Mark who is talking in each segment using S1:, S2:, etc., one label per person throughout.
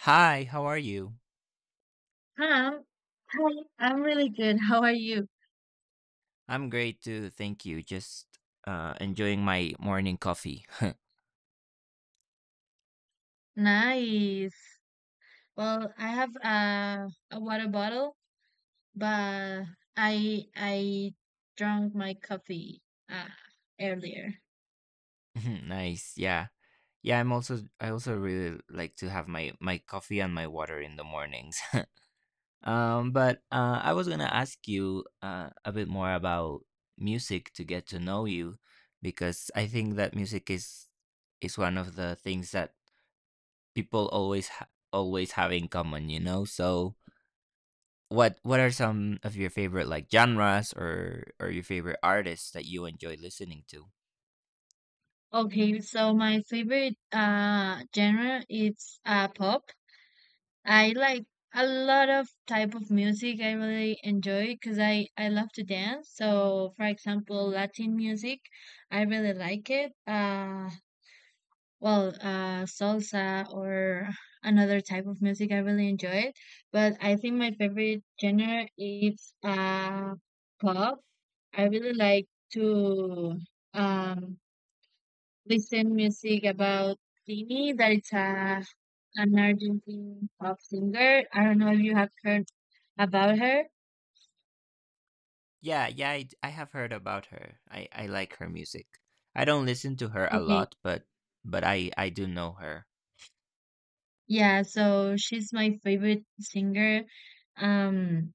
S1: Hi, how are you?
S2: Hi, I'm, hi, I'm really good. How are you?
S1: I'm great too, thank you. Just enjoying my morning coffee.
S2: Nice. Well, I have a water bottle, but I drank my coffee uh, earlier.
S1: Mhm. Nice. Yeah. Yeah, I also really like to have my coffee and my water in the mornings. But I was going to ask you a bit more about music to get to know you, because I think that music is one of the things that people always ha always have in common, you know? So what are some of your favorite like genres or your favorite artists that you enjoy listening to?
S2: Okay, so my favorite genre is pop. I like a lot of type of music I really enjoy because I love to dance. So, for example, Latin music, I really like it. Well, salsa or another type of music. I really enjoy it, but I think my favorite genre is pop. I really like to um, listen music about Tini, that it's a an Argentine pop singer. I don't know if you have heard about her.
S1: Yeah, yeah, I have heard about her. I like her music. I don't listen to her a
S2: Okay,
S1: lot, but I do know her.
S2: yeah, so she's my favorite singer. Um,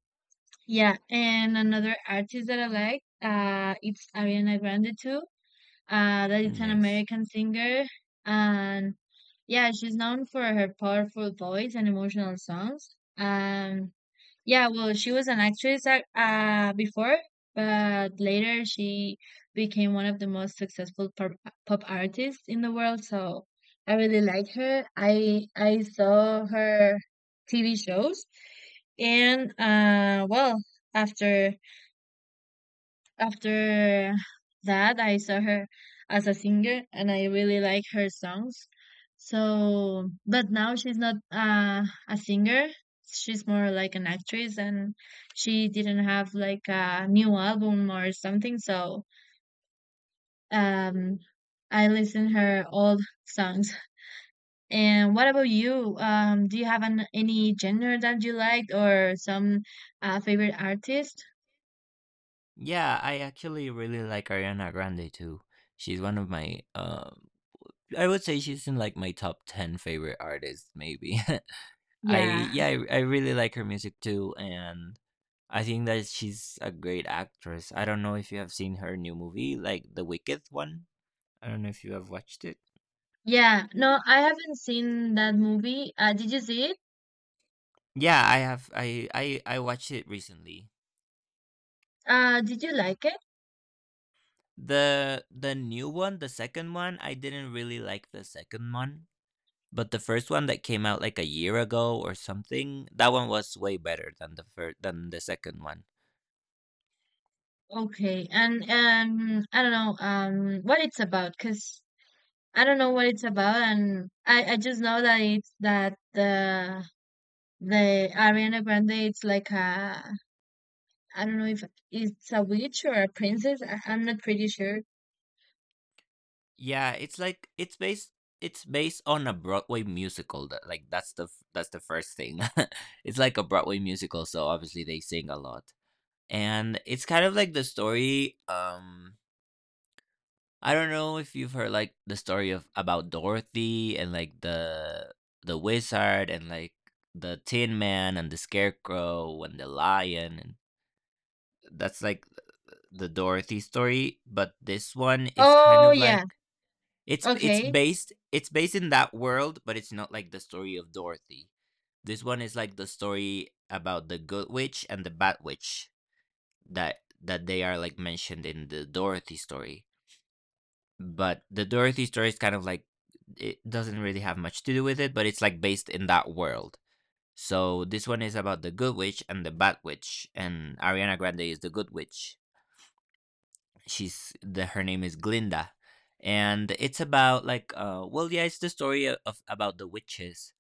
S2: Yeah, and another artist that I like, it's Ariana Grande too. That is an
S1: Nice.
S2: American singer, and yeah, she's known for her powerful voice and emotional songs. Yeah, well, she was an actress before, but later she became one of the most successful pop artists in the world. So I really like her. I saw her TV shows, and well, after after that, I saw her as a singer and I really like her songs. So, but now she's not a singer. She's more like an actress and she didn't have like a new album or something. So, um, I listen her old songs. And what about you? Do you have any genre that you like or some favorite artist?
S1: Yeah, I actually really like Ariana Grande too. She's one of my I would say she's in like my top 10 favorite artists maybe.
S2: Yeah.
S1: I really like her music too, and I think that she's a great actress. I don't know if you have seen her new movie, like the Wicked one. I don't know if you have watched it.
S2: Yeah, no, I haven't seen that movie. Did you see it?
S1: Yeah, I have. I watched it recently.
S2: Did you like it?
S1: The new one, the second one, I didn't really like the second one, but the first one that came out like a year ago or something, that one was way better than the first than the second one.
S2: Okay, and I don't know what it's about, cause I don't know what it's about, and I just know that it's that the Ariana Grande it's like a I don't know if it's a witch or a princess. I'm not pretty sure.
S1: Yeah, it's based on a Broadway musical. That's the first thing. It's like a Broadway musical, so obviously they sing a lot. And it's kind of like the story I don't know if you've heard like the story of about Dorothy and like the wizard and like the Tin Man and the Scarecrow and the lion, and that's like the Dorothy story, but this one is kind
S2: Oh,
S1: of
S2: yeah,
S1: like
S2: okay.
S1: it's based in that world, but it's not like the story of Dorothy. This one is like the story about the good witch and the bad witch, that they are like mentioned in the Dorothy story. But the Dorothy story is kind of like, it doesn't really have much to do with it, but it's like based in that world. So this one is about the good witch and the bad witch, and Ariana Grande is the good witch. She's the Her name is Glinda, and it's about like it's the story of about the witches,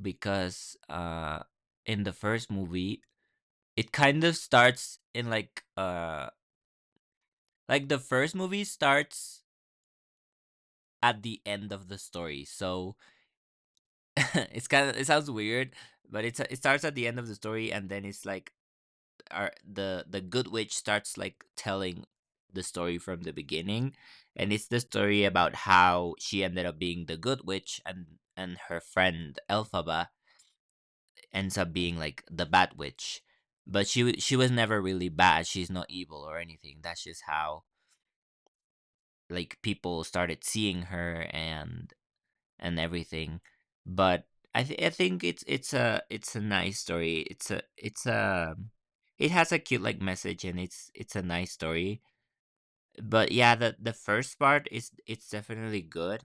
S1: because In the first movie it kind of starts in like the first movie starts at the end of the story. So it's kind of it sounds weird, but it starts at the end of the story, and then it's like are the good witch starts like telling the story from the beginning, and it's the story about how she ended up being the good witch, and her friend elphaba ends up being like the bad witch. But she was never really bad, she's not evil or anything, that's just how like people started seeing her and everything. But I think it's a nice story. It's a it has a cute like message, and it's a nice story. But yeah, the first part, is it's definitely good.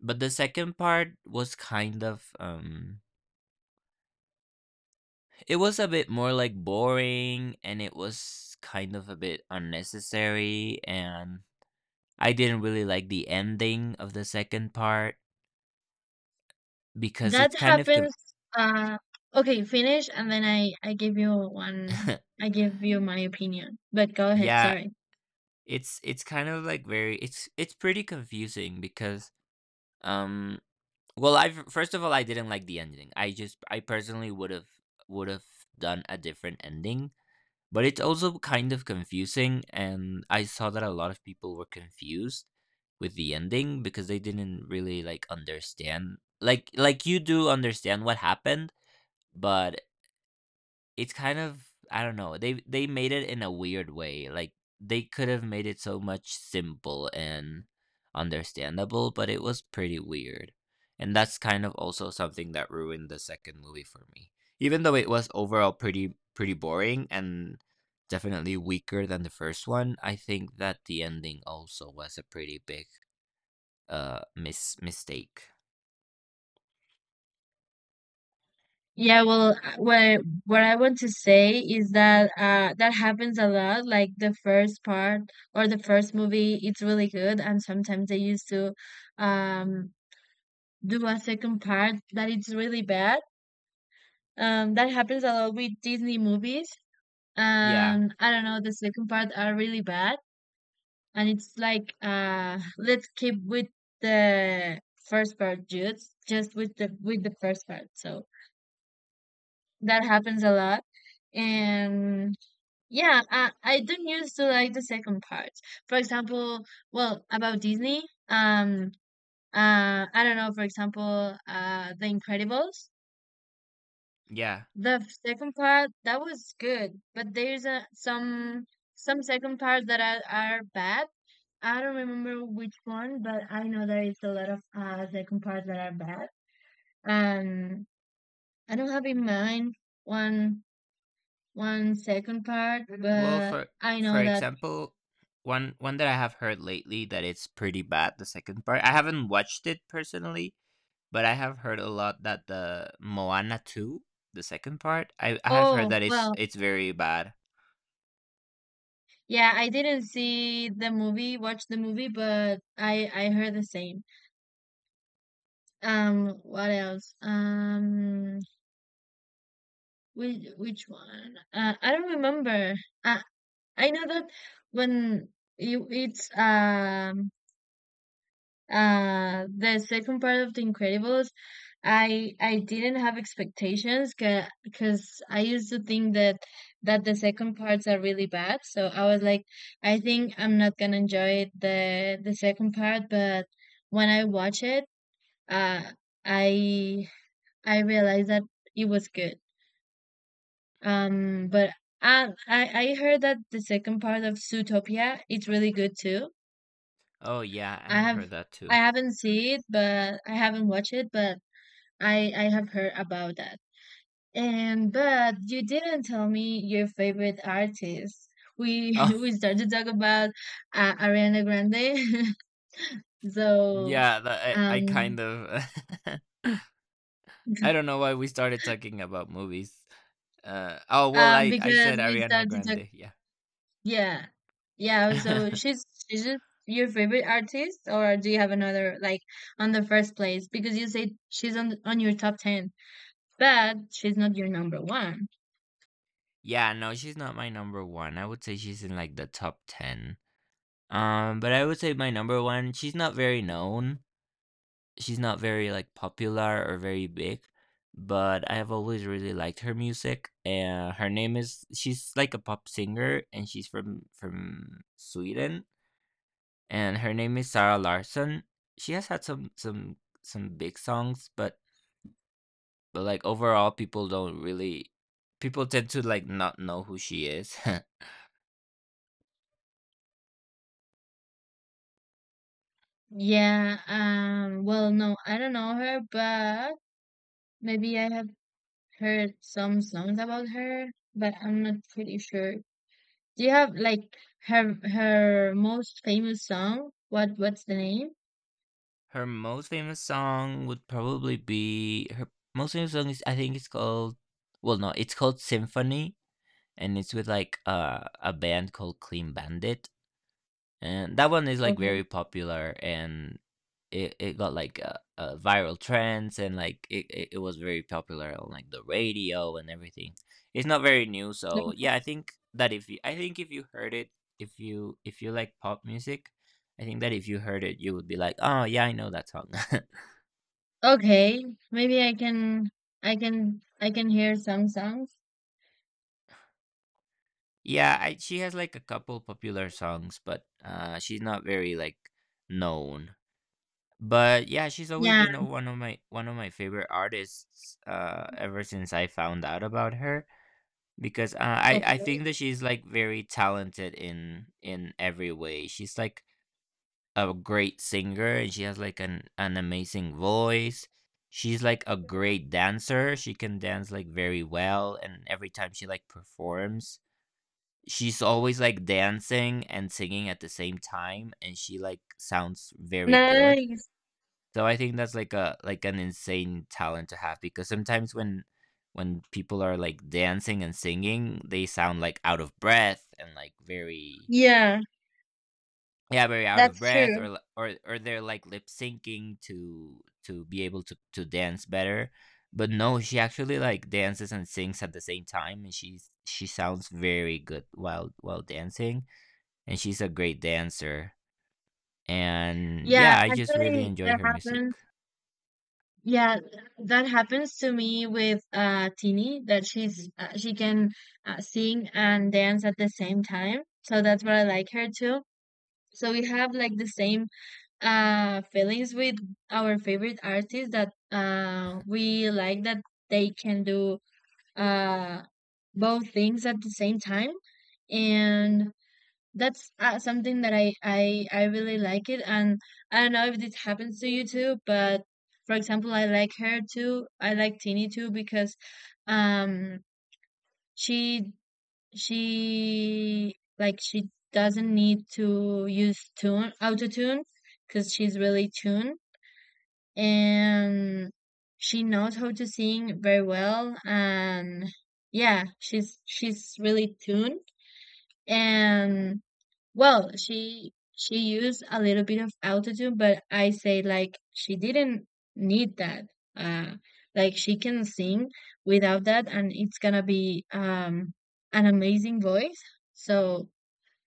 S1: But the second part was kind of it was a bit more like boring, and it was kind of a bit unnecessary, and I didn't really like the ending of the second part because
S2: That
S1: it's kind of com-
S2: happens. Uh, okay, finish, and then I give you one. I give you my opinion. But go ahead.
S1: yeah,
S2: Sorry.
S1: It's kind of like very it's pretty confusing because, um I first of all I didn't like the ending. I personally would have done a different ending, but it's also kind of confusing, and I saw that a lot of people were confused with the ending because they didn't really like understand, like you do understand what happened, but it's kind of, I don't know. They made it in a weird way. Like they could have made it so much simple and understandable, but it was pretty weird. And that's kind of also something that ruined the second movie for me. Even though it was overall pretty boring and definitely weaker than the first one, I think that the ending also was a pretty big mistake.
S2: Yeah. Well, what I want to say is that that happens a lot. Like the first part or the first movie, it's really good, and sometimes they used to um do a second part that it's really bad. That happens a lot with Disney movies.
S1: Yeah.
S2: I don't know. The second part are really bad, and it's like let's keep with the first part, just with the first part. So that happens a lot, and yeah, I don't used to like the second part. For example, well, about Disney, um I don't know, for example, The Incredibles.
S1: Yeah.
S2: The second part, that was good, but there's a, some second parts that are bad. I don't remember which one, but I know there is a lot of second parts that are bad. Um, I don't have in mind one one second part,
S1: Well,
S2: but
S1: for
S2: I know that.
S1: example, one that I have heard lately that it's pretty bad, the second part. I haven't watched it personally, but I have heard a lot that the Moana 2, the second part, I have heard
S2: Oh
S1: that
S2: well,
S1: it's very bad.
S2: yeah, I didn't see the movie, watch the movie, but I heard the same. What else? Which one? I don't remember. I I know that when you it's the second part of The Incredibles. I didn't have expectations because I used to think that that the second parts are really bad. So I was like, I think I'm not gonna enjoy it, the second part. But when I watch it, uh, I I realized that it was good. But I heard that the second part of Zootopia it's really good too.
S1: Oh yeah, I
S2: I
S1: have
S2: have
S1: heard that
S2: I
S1: too.
S2: haven't seen it, but I haven't watched it, but I have heard about that. And but you didn't tell me your favorite artist. We
S1: Oh,
S2: we started to talk about Ariana Grande, so,
S1: yeah, I
S2: um
S1: kind of I don't know why we started talking about movies. Oh well, I
S2: because
S1: said
S2: we
S1: Ariana
S2: started to.
S1: Grande,
S2: Yeah. Yeah,
S1: yeah.
S2: so she's just your favorite artist, or do you have another, like, on the first place, because you said she's on your top 10, but she's not your number one.
S1: Yeah, no, she's not my number one. I would say she's in like the top 10. But I would say my number one, she's not very known. She's not very like popular or very big, but I have always really liked her music. Her name is She's like a pop singer, and she's from Sweden, and her name is Sarah Larson. She has had some big songs, but like overall people don't really, people tend to like not know who she is.
S2: Yeah, well, no, I don't know her, but maybe I have heard some songs about her, but I'm not pretty sure. Do you have like her most famous song? What's the name?
S1: Her most famous song would probably be, her most famous song is, I think it's called, well no, it's called Symphony, and it's with like a band called Clean Bandit. And that one is like
S2: Okay.
S1: very popular, and it got like a viral trends, and like it was very popular on like the radio and everything. It's not very new, so yeah, I think that if you I think if you heard it, if you like pop music, I think that if you heard it you would be like, "Oh yeah, I know that song."
S2: Okay, maybe I can hear some songs.
S1: Yeah, I, she has like a couple popular songs, but she's not very like known. But yeah, she's always
S2: Yeah.
S1: been one of my favorite artists ever since I found out about her, because
S2: Okay.
S1: I think that she's like very talented in every way. She's like a great singer and she has like an amazing voice. She's like a great dancer. She can dance like very well, and every time she like performs, she's always like dancing and singing at the same time, and she like sounds very good.
S2: Nice.
S1: So I think that's like a like an insane talent to have, because sometimes when people are like dancing and singing they sound like out of breath and like very,
S2: Yeah,
S1: yeah, very out of
S2: that's
S1: breath,
S2: true.
S1: or li- or they're like lip syncing to be able to dance better. But no, she actually like dances and sings at the same time, and she sounds very good while dancing, and she's a great dancer. And
S2: Yeah,
S1: yeah, I just really
S2: actually
S1: enjoy
S2: that
S1: her
S2: happens.
S1: music.
S2: Yeah, that happens to me with Tini, that she can sing and dance at the same time. So that's what I like her too. So we have like the same feelings with our favorite artists, that we like that they can do uh both things at the same time, and that's something that I really like it. And I don't know if this happens to you too, but, for example, I like her too, I like Tini too, because um she she doesn't need to use tune auto tune because she's really tuned, and she knows how to sing very well. And yeah, she's really tuned. And well, she used a little bit of autotune, but I say like she didn't need that. uh like she can sing without that, and it's gonna be an amazing voice. So,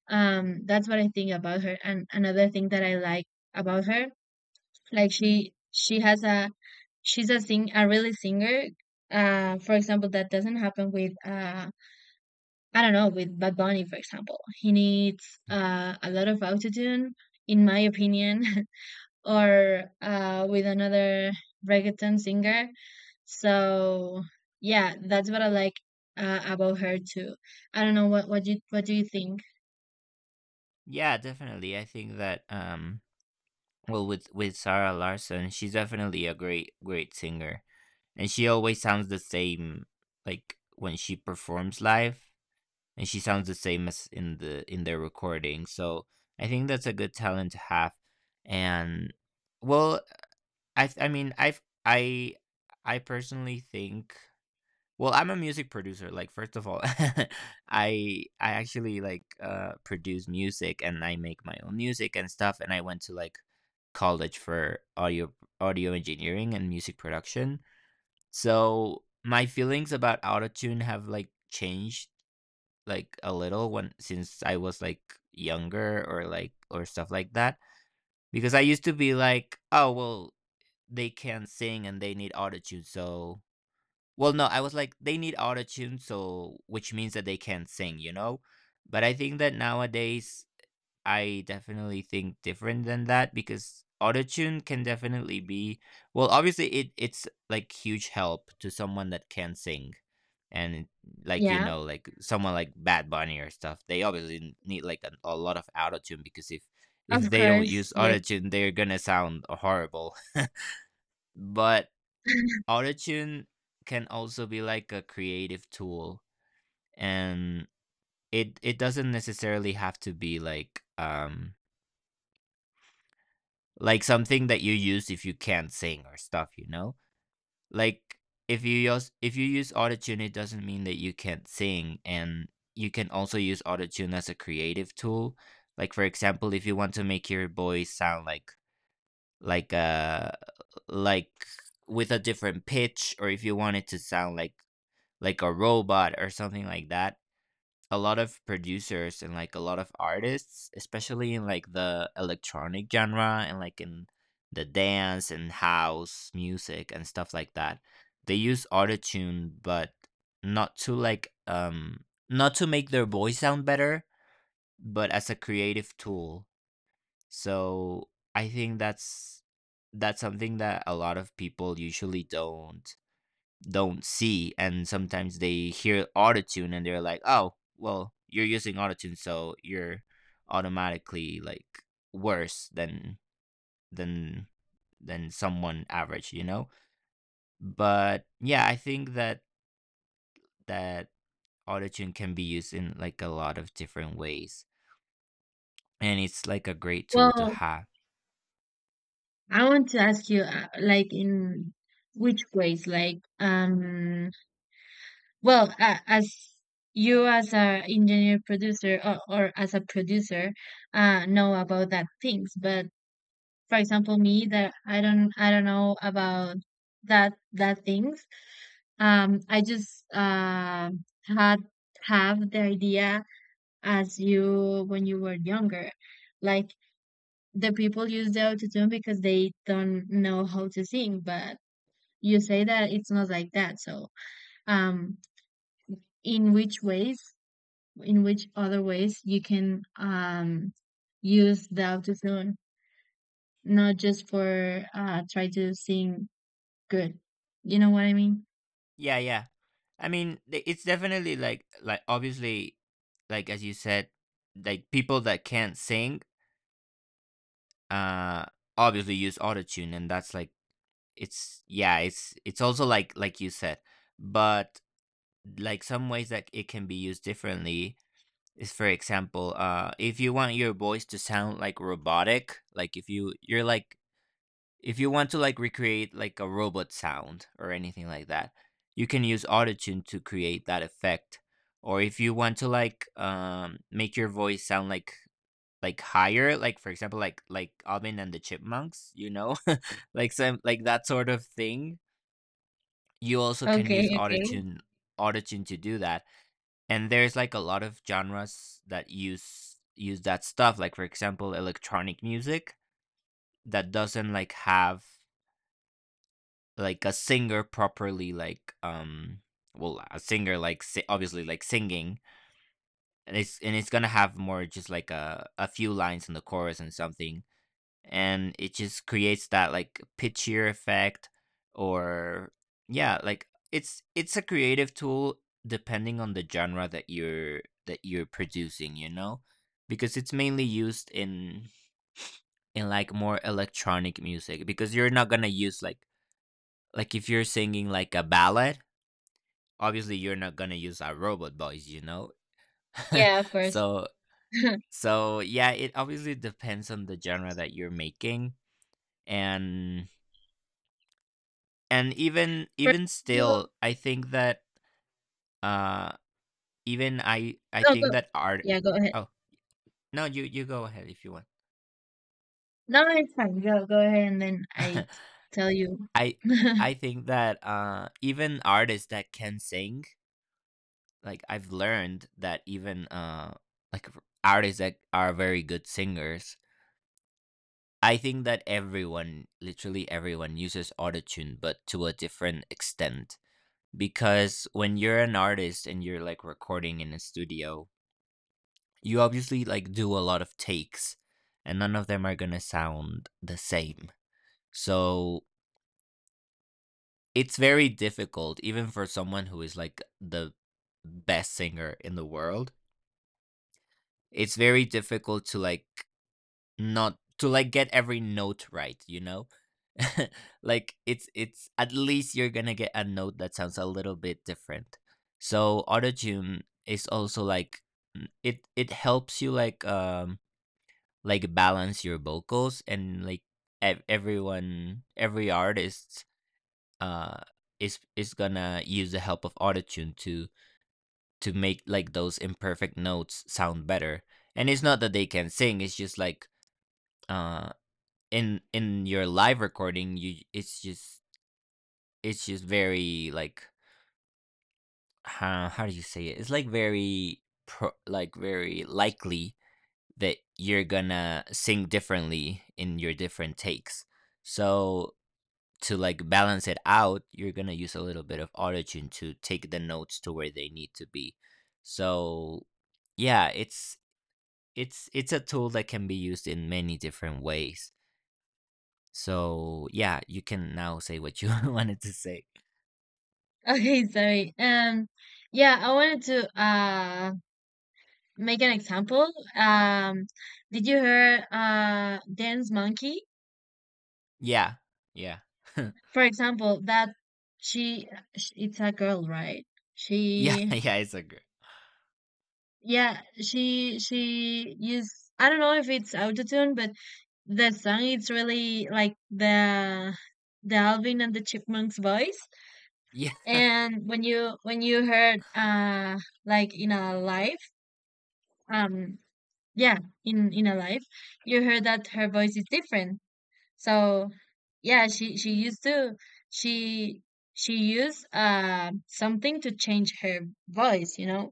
S2: that's what I think about her. And another thing that I like about her, like she has a really singer. For example, that doesn't happen with I don't know, with Bad Bunny, for example. He needs a lot of autotune, in my opinion, or with another reggaeton singer. So yeah, that's what I like about her too. I don't know, what do you think?
S1: Yeah, definitely. I think that, um, well, with Sarah Larson, she's definitely a great singer. And she always sounds the same, like when she performs live, and she sounds the same as in their recording. So, I think that's a good talent to have. And well, I mean, I personally think, well, I'm a music producer. Like, first of all, I actually like produce music and I make my own music and stuff. And I went to like college for audio engineering and music production. So my feelings about autotune have like changed like a little when, since I was like younger or like or stuff like that. Because I used to be like, oh well, they can't sing and they need autotune, so, well, no, I was like, they need auto tune, so, which means that they can't sing, you know? But I think that nowadays, I definitely think different than that, because auto tune can definitely be, well, obviously, it's like huge help to someone that can sing. And, like, you
S2: Yeah,
S1: know, like someone like Bad Bunny or stuff, they obviously need like a lot of auto tune, because if
S2: of
S1: they don't
S2: course,
S1: use
S2: yes.
S1: auto tune, they're gonna sound horrible. But autotune can also be like a creative tool, and it doesn't necessarily have to be like, um, like something that you use if you can't sing or stuff, you know? Like if you use, if you use autotune it doesn't mean that you can't sing, and you can also use autotune as a creative tool. Like for example, if you want to make your voice sound like like uh like with a different pitch, or if you want it to sound like a robot or something like that, a lot of producers and like a lot of artists, especially in like the electronic genre and like in the dance and house music and stuff like that, they use autotune, but not to like not to make their voice sound better, but as a creative tool. So I think that's something that a lot of people usually don't see, and sometimes they hear autotune and they're like, oh well, you're using autotune so you're automatically like worse than than than someone average, you know? But yeah, I think that that autotune can be used in like a lot of different ways, and it's like a great tool to
S2: Well,
S1: have.
S2: I want to ask you, like, in which ways? Like, well, as you as a engineer producer, or as a producer, know about that things. But, for example, me that I don't know about that things. I just had have the idea, as you when you were younger, like the people use the autotune because they don't know how to sing, but you say that it's not like that. So, um, in which ways, in which other ways you can use the autotune, not just for try to sing good. You know what I mean?
S1: Yeah, yeah, I mean, it's definitely like obviously, like as you said, like people that can't sing, uh obviously use autotune, and that's like it's yeah, it's also like you said. But like some ways that it can be used differently is for example, if you want your voice to sound like robotic, like if you you're like if you want to like recreate like a robot sound or anything like that, you can use autotune to create that effect. Or if you want to like make your voice sound like higher, like for example, like Alvin and the Chipmunks, you know, like some like that sort of thing, you also can use
S2: Okay, okay.
S1: autotune to do that. And there's like a lot of genres that use that stuff, like for example electronic music that doesn't like have like a singer properly, like well, a singer like obviously like singing, and it's gonna have more just like a few lines in the chorus and something, and it just creates that like pitchier effect. Or yeah, like it's a creative tool, depending on the genre that you're producing, you know? Because it's mainly used in like more electronic music, because you're not gonna use like if you're singing like a ballad, obviously you're not gonna use a robot voice, you know.
S2: Yeah, of course.
S1: So
S2: For
S1: so yeah, it obviously depends on the genre that you're making. and and even still,
S2: example,
S1: I think that uh even I
S2: no, go.
S1: think that art,
S2: Yeah, go ahead.
S1: oh no, you go ahead if you want.
S2: No, no, it's fine. Go, go ahead, and then I tell you.
S1: i I think that even artists that can sing, like I've learned that even like artists that are very good singers, I think that everyone, literally everyone uses autotune, but to a different extent, because when you're an artist and you're like recording in a studio, you obviously like do a lot of takes, and none of them are going to sound the same. So it's very difficult, even for someone who is like the best singer in the world. It's very difficult to like not to like get every note right, you know? Like it's at least you're gonna get a note that sounds a little bit different. So autotune is also like it it helps you like balance your vocals, and like everyone, every artist, uh is gonna use the help of autotune to make like those imperfect notes sound better. And it's not that they can sing, it's just like, uh in your live recording, you it's just very like, how do you say it, it's like very pro, like very likely that you're gonna sing differently in your different takes. So to like balance it out, you're gonna use a little bit of autotune to take the notes to where they need to be. So yeah, it's a tool that can be used in many different ways. So yeah, you can now say what you wanted to say.
S2: Okay, sorry. Yeah, I wanted to make an example. Did you hear Dance Monkey?
S1: Yeah, yeah, yeah,
S2: For example, that she it's a girl, right?
S1: yeah.
S2: She
S1: It's a good.
S2: Yeah, she used, I don't know if it's autotune, but the song it's really like the Alvin and the Chipmunks voice.
S1: Yeah,
S2: And when you heard like in a live, um yeah, in a live, you heard that her voice is different. So yeah, she used to she she used something to change her voice, you know.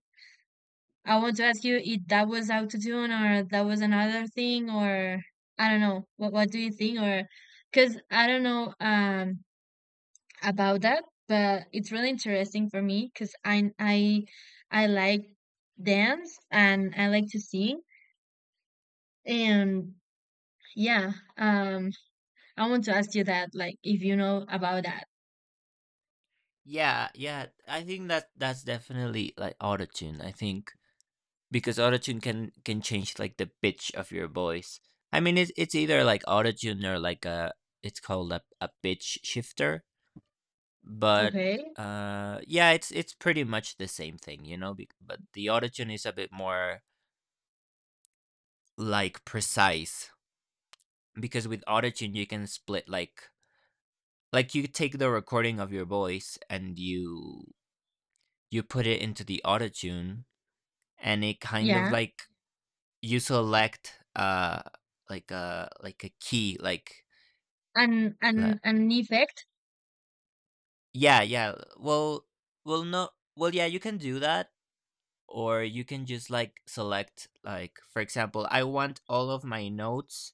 S2: I want to ask you if that was autotune or that was another thing, or I don't know. What do you think? Or cuz I don't know about that, but it's really interesting for me cuz I like dance and I like to sing, and yeah, um I want to ask you that, like if you know about that.
S1: yeah, yeah. I think that that's definitely like autotune, I think. Because autotune can change like the pitch of your voice. I mean, it's either like autotune or like a, it's called a pitch shifter, but
S2: Okay.
S1: yeah, it's pretty much the same thing, you know, but the autotune is a bit more like precise, because with autotune you can split like you take the recording of your voice and you put it into the autotune, and it kind of
S2: Yeah.
S1: like you select like a key, like
S2: An an
S1: la-
S2: an effect.
S1: yeah yeah, well well no, well yeah, you can do that. Or you can just like select, like for example, I want all of my notes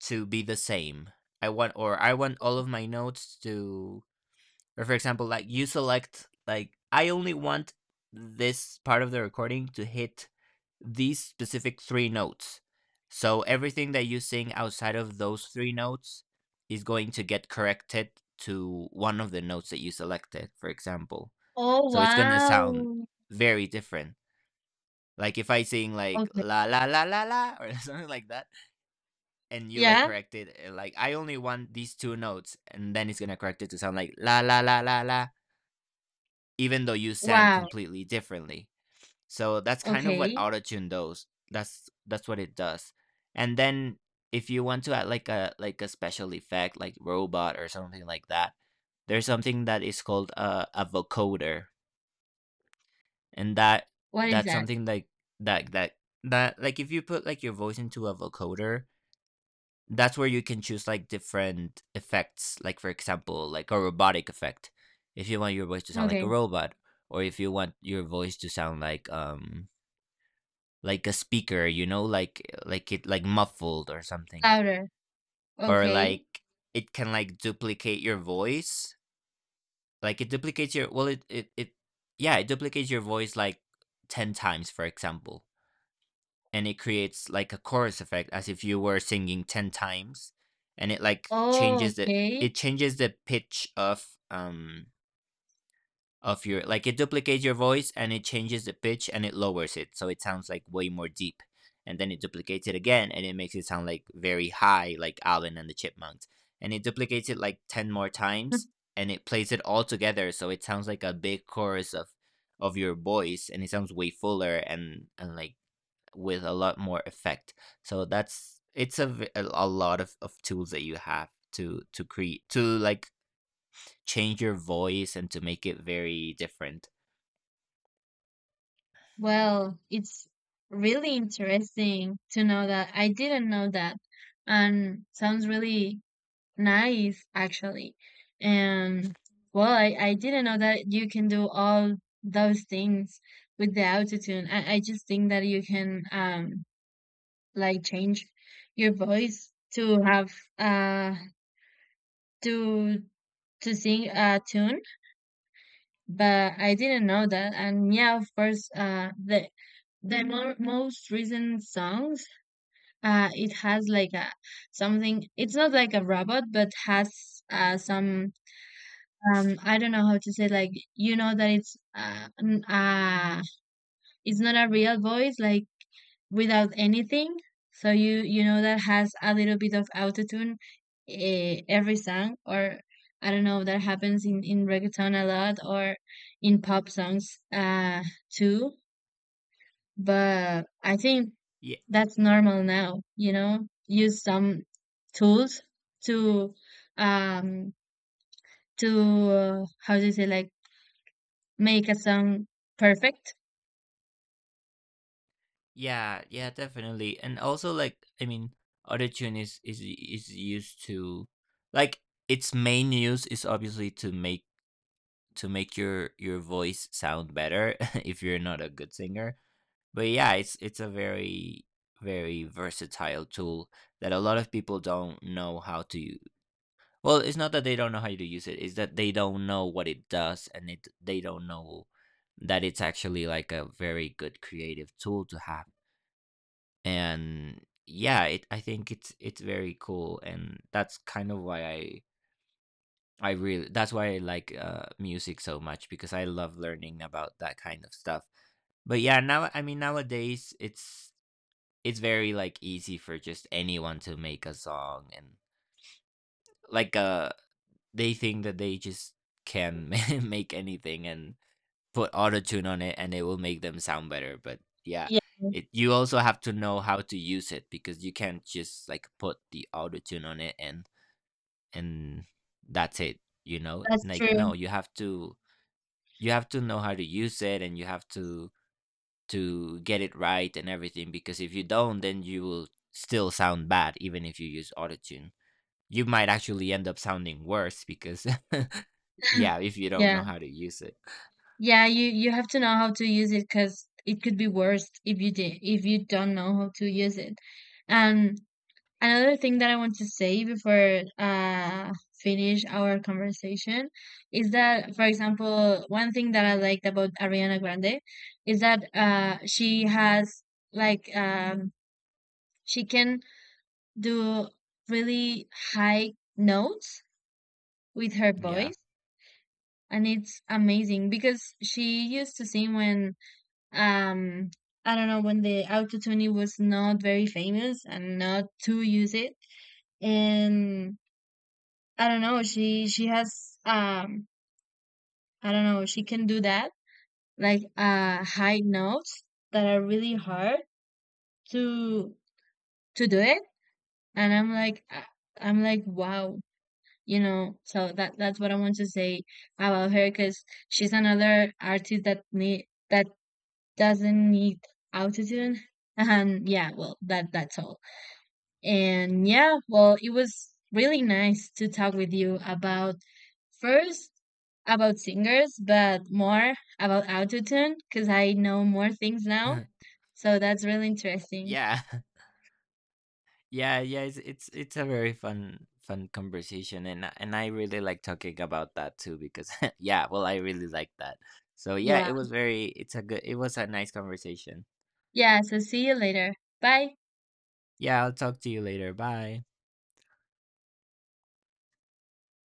S1: to be the same. I want, or I want all of my notes to, or for example, like you select, like I only want this part of the recording to hit these specific three notes. So everything that you sing outside of those three notes is going to get corrected to one of the notes that you selected, for example.
S2: Oh
S1: So it's gonna sound
S2: wow.
S1: very different. Like if I sing like
S2: Okay.
S1: la la la la la, or something like that, and you like
S2: Yeah.
S1: correct it, like I only want these two notes, and then it's gonna correct it to sound like la la la la la, even though you sang
S2: Wow.
S1: completely differently. So that's kind of what
S2: Okay.
S1: autotune does. That's what it does. And then if you want to add like a special effect, like robot or something like that, there's something that is called a vocoder. And that
S2: What is
S1: that's
S2: that?
S1: something like that that that like if you put like your voice into a vocoder, that's where you can choose like different effects, like for example like a robotic effect, if you want your voice to sound like a
S2: Okay.
S1: robot. Or if you want your voice to sound like a speaker, you know, like it, like muffled or something.
S2: Louder.
S1: Or
S2: Okay.
S1: like it can like duplicate your voice, like it duplicates your, well it, yeah, it duplicates your voice like 10 times, for example, and it creates like a chorus effect as if you were singing 10 times. And it like
S2: Oh,
S1: changes the,
S2: okay.
S1: it changes the pitch of your, like it duplicates your voice and it changes the pitch, and it lowers it so it sounds like way more deep. And then it duplicates it again and it makes it sound like very high, like Alvin and the Chipmunks. And it duplicates it like 10 more times, and it plays it all together, so it sounds like a big chorus of your voice, and it sounds way fuller, and like with a lot more effect. So that's it's a a lot of tools that you have to create to like change your voice and to make it very different.
S2: Well, it's really interesting to know that. I didn't know that. And sounds really nice, actually. And well, I didn't know that you can do all those things with the autotune. I just think that you can like change your voice to have uh to to sing a tune, but I didn't know that. And yeah, of course, the most recent songs, it has like a something. It's not like a robot, but has some, I don't know how to say, like, you know, that it's not a real voice, like without anything. So you know that has a little bit of autotune every song, or I don't know, that happens in reggaeton a lot, or in pop songs too. But I think
S1: Yeah,
S2: that's normal now, you know, use some tools to um to how do you say, like, make a song perfect.
S1: yeah, yeah, definitely. And also like, I mean, autotune is used to like, its main use is obviously to make your voice sound better if you're not a good singer. But yeah, it's a very very versatile tool that a lot of people don't know how to use. Well, it's not that they don't know how to use it, it's that they don't know what it does, and it they don't know that it's actually like a very good creative tool to have. And yeah, it, I think it's very cool, and that's kind of why I really, that's why I like, music so much, because I love learning about that kind of stuff. But yeah, now, I mean, nowadays it's very like easy for just anyone to make a song and like they think that they just can make anything and put auto tune on it and it will make them sound better, but yeah,
S2: Yeah,
S1: it, you also have to know how to use it, because you can't just like put the auto tune on it and that's it, you know?
S2: that's
S1: Like no,
S2: true.
S1: you have to, you have to know how to use it, and you have to get it right and everything, because if you don't, then you will still sound bad even if you use autotune. You might actually end up sounding worse, because yeah, if you don't
S2: Yeah.
S1: know how to use it.
S2: Yeah, you have to know how to use it, because it could be worse if you did if you don't know how to use it. And another thing that I want to say before finish our conversation is that, for example, one thing that I liked about Ariana Grande is that she has, like, she can do really high notes with her
S1: Yeah.
S2: voice, and it's amazing because she used to sing when, um I don't know, when the autotune was not very famous and not to use it. And I don't know, she has, I don't know, she can do that, like high notes that are really hard to do it. And I'm like, wow, you know. So that's what I want to say about her, because she's another artist that need that doesn't need autotune, and yeah, well, that's all. And yeah, well, it was really nice to talk with you about, first, about singers, but more about autotune, because I know more things now. So that's really interesting.
S1: Yeah. Yeah, yeah, it's a very fun fun conversation, and and I really like talking about that too, because yeah, well I really like that. So yeah,
S2: Yeah.
S1: it was very, it's a good, it was a nice conversation.
S2: Yeah. So see you later. Bye.
S1: Yeah, I'll talk to you later. Bye.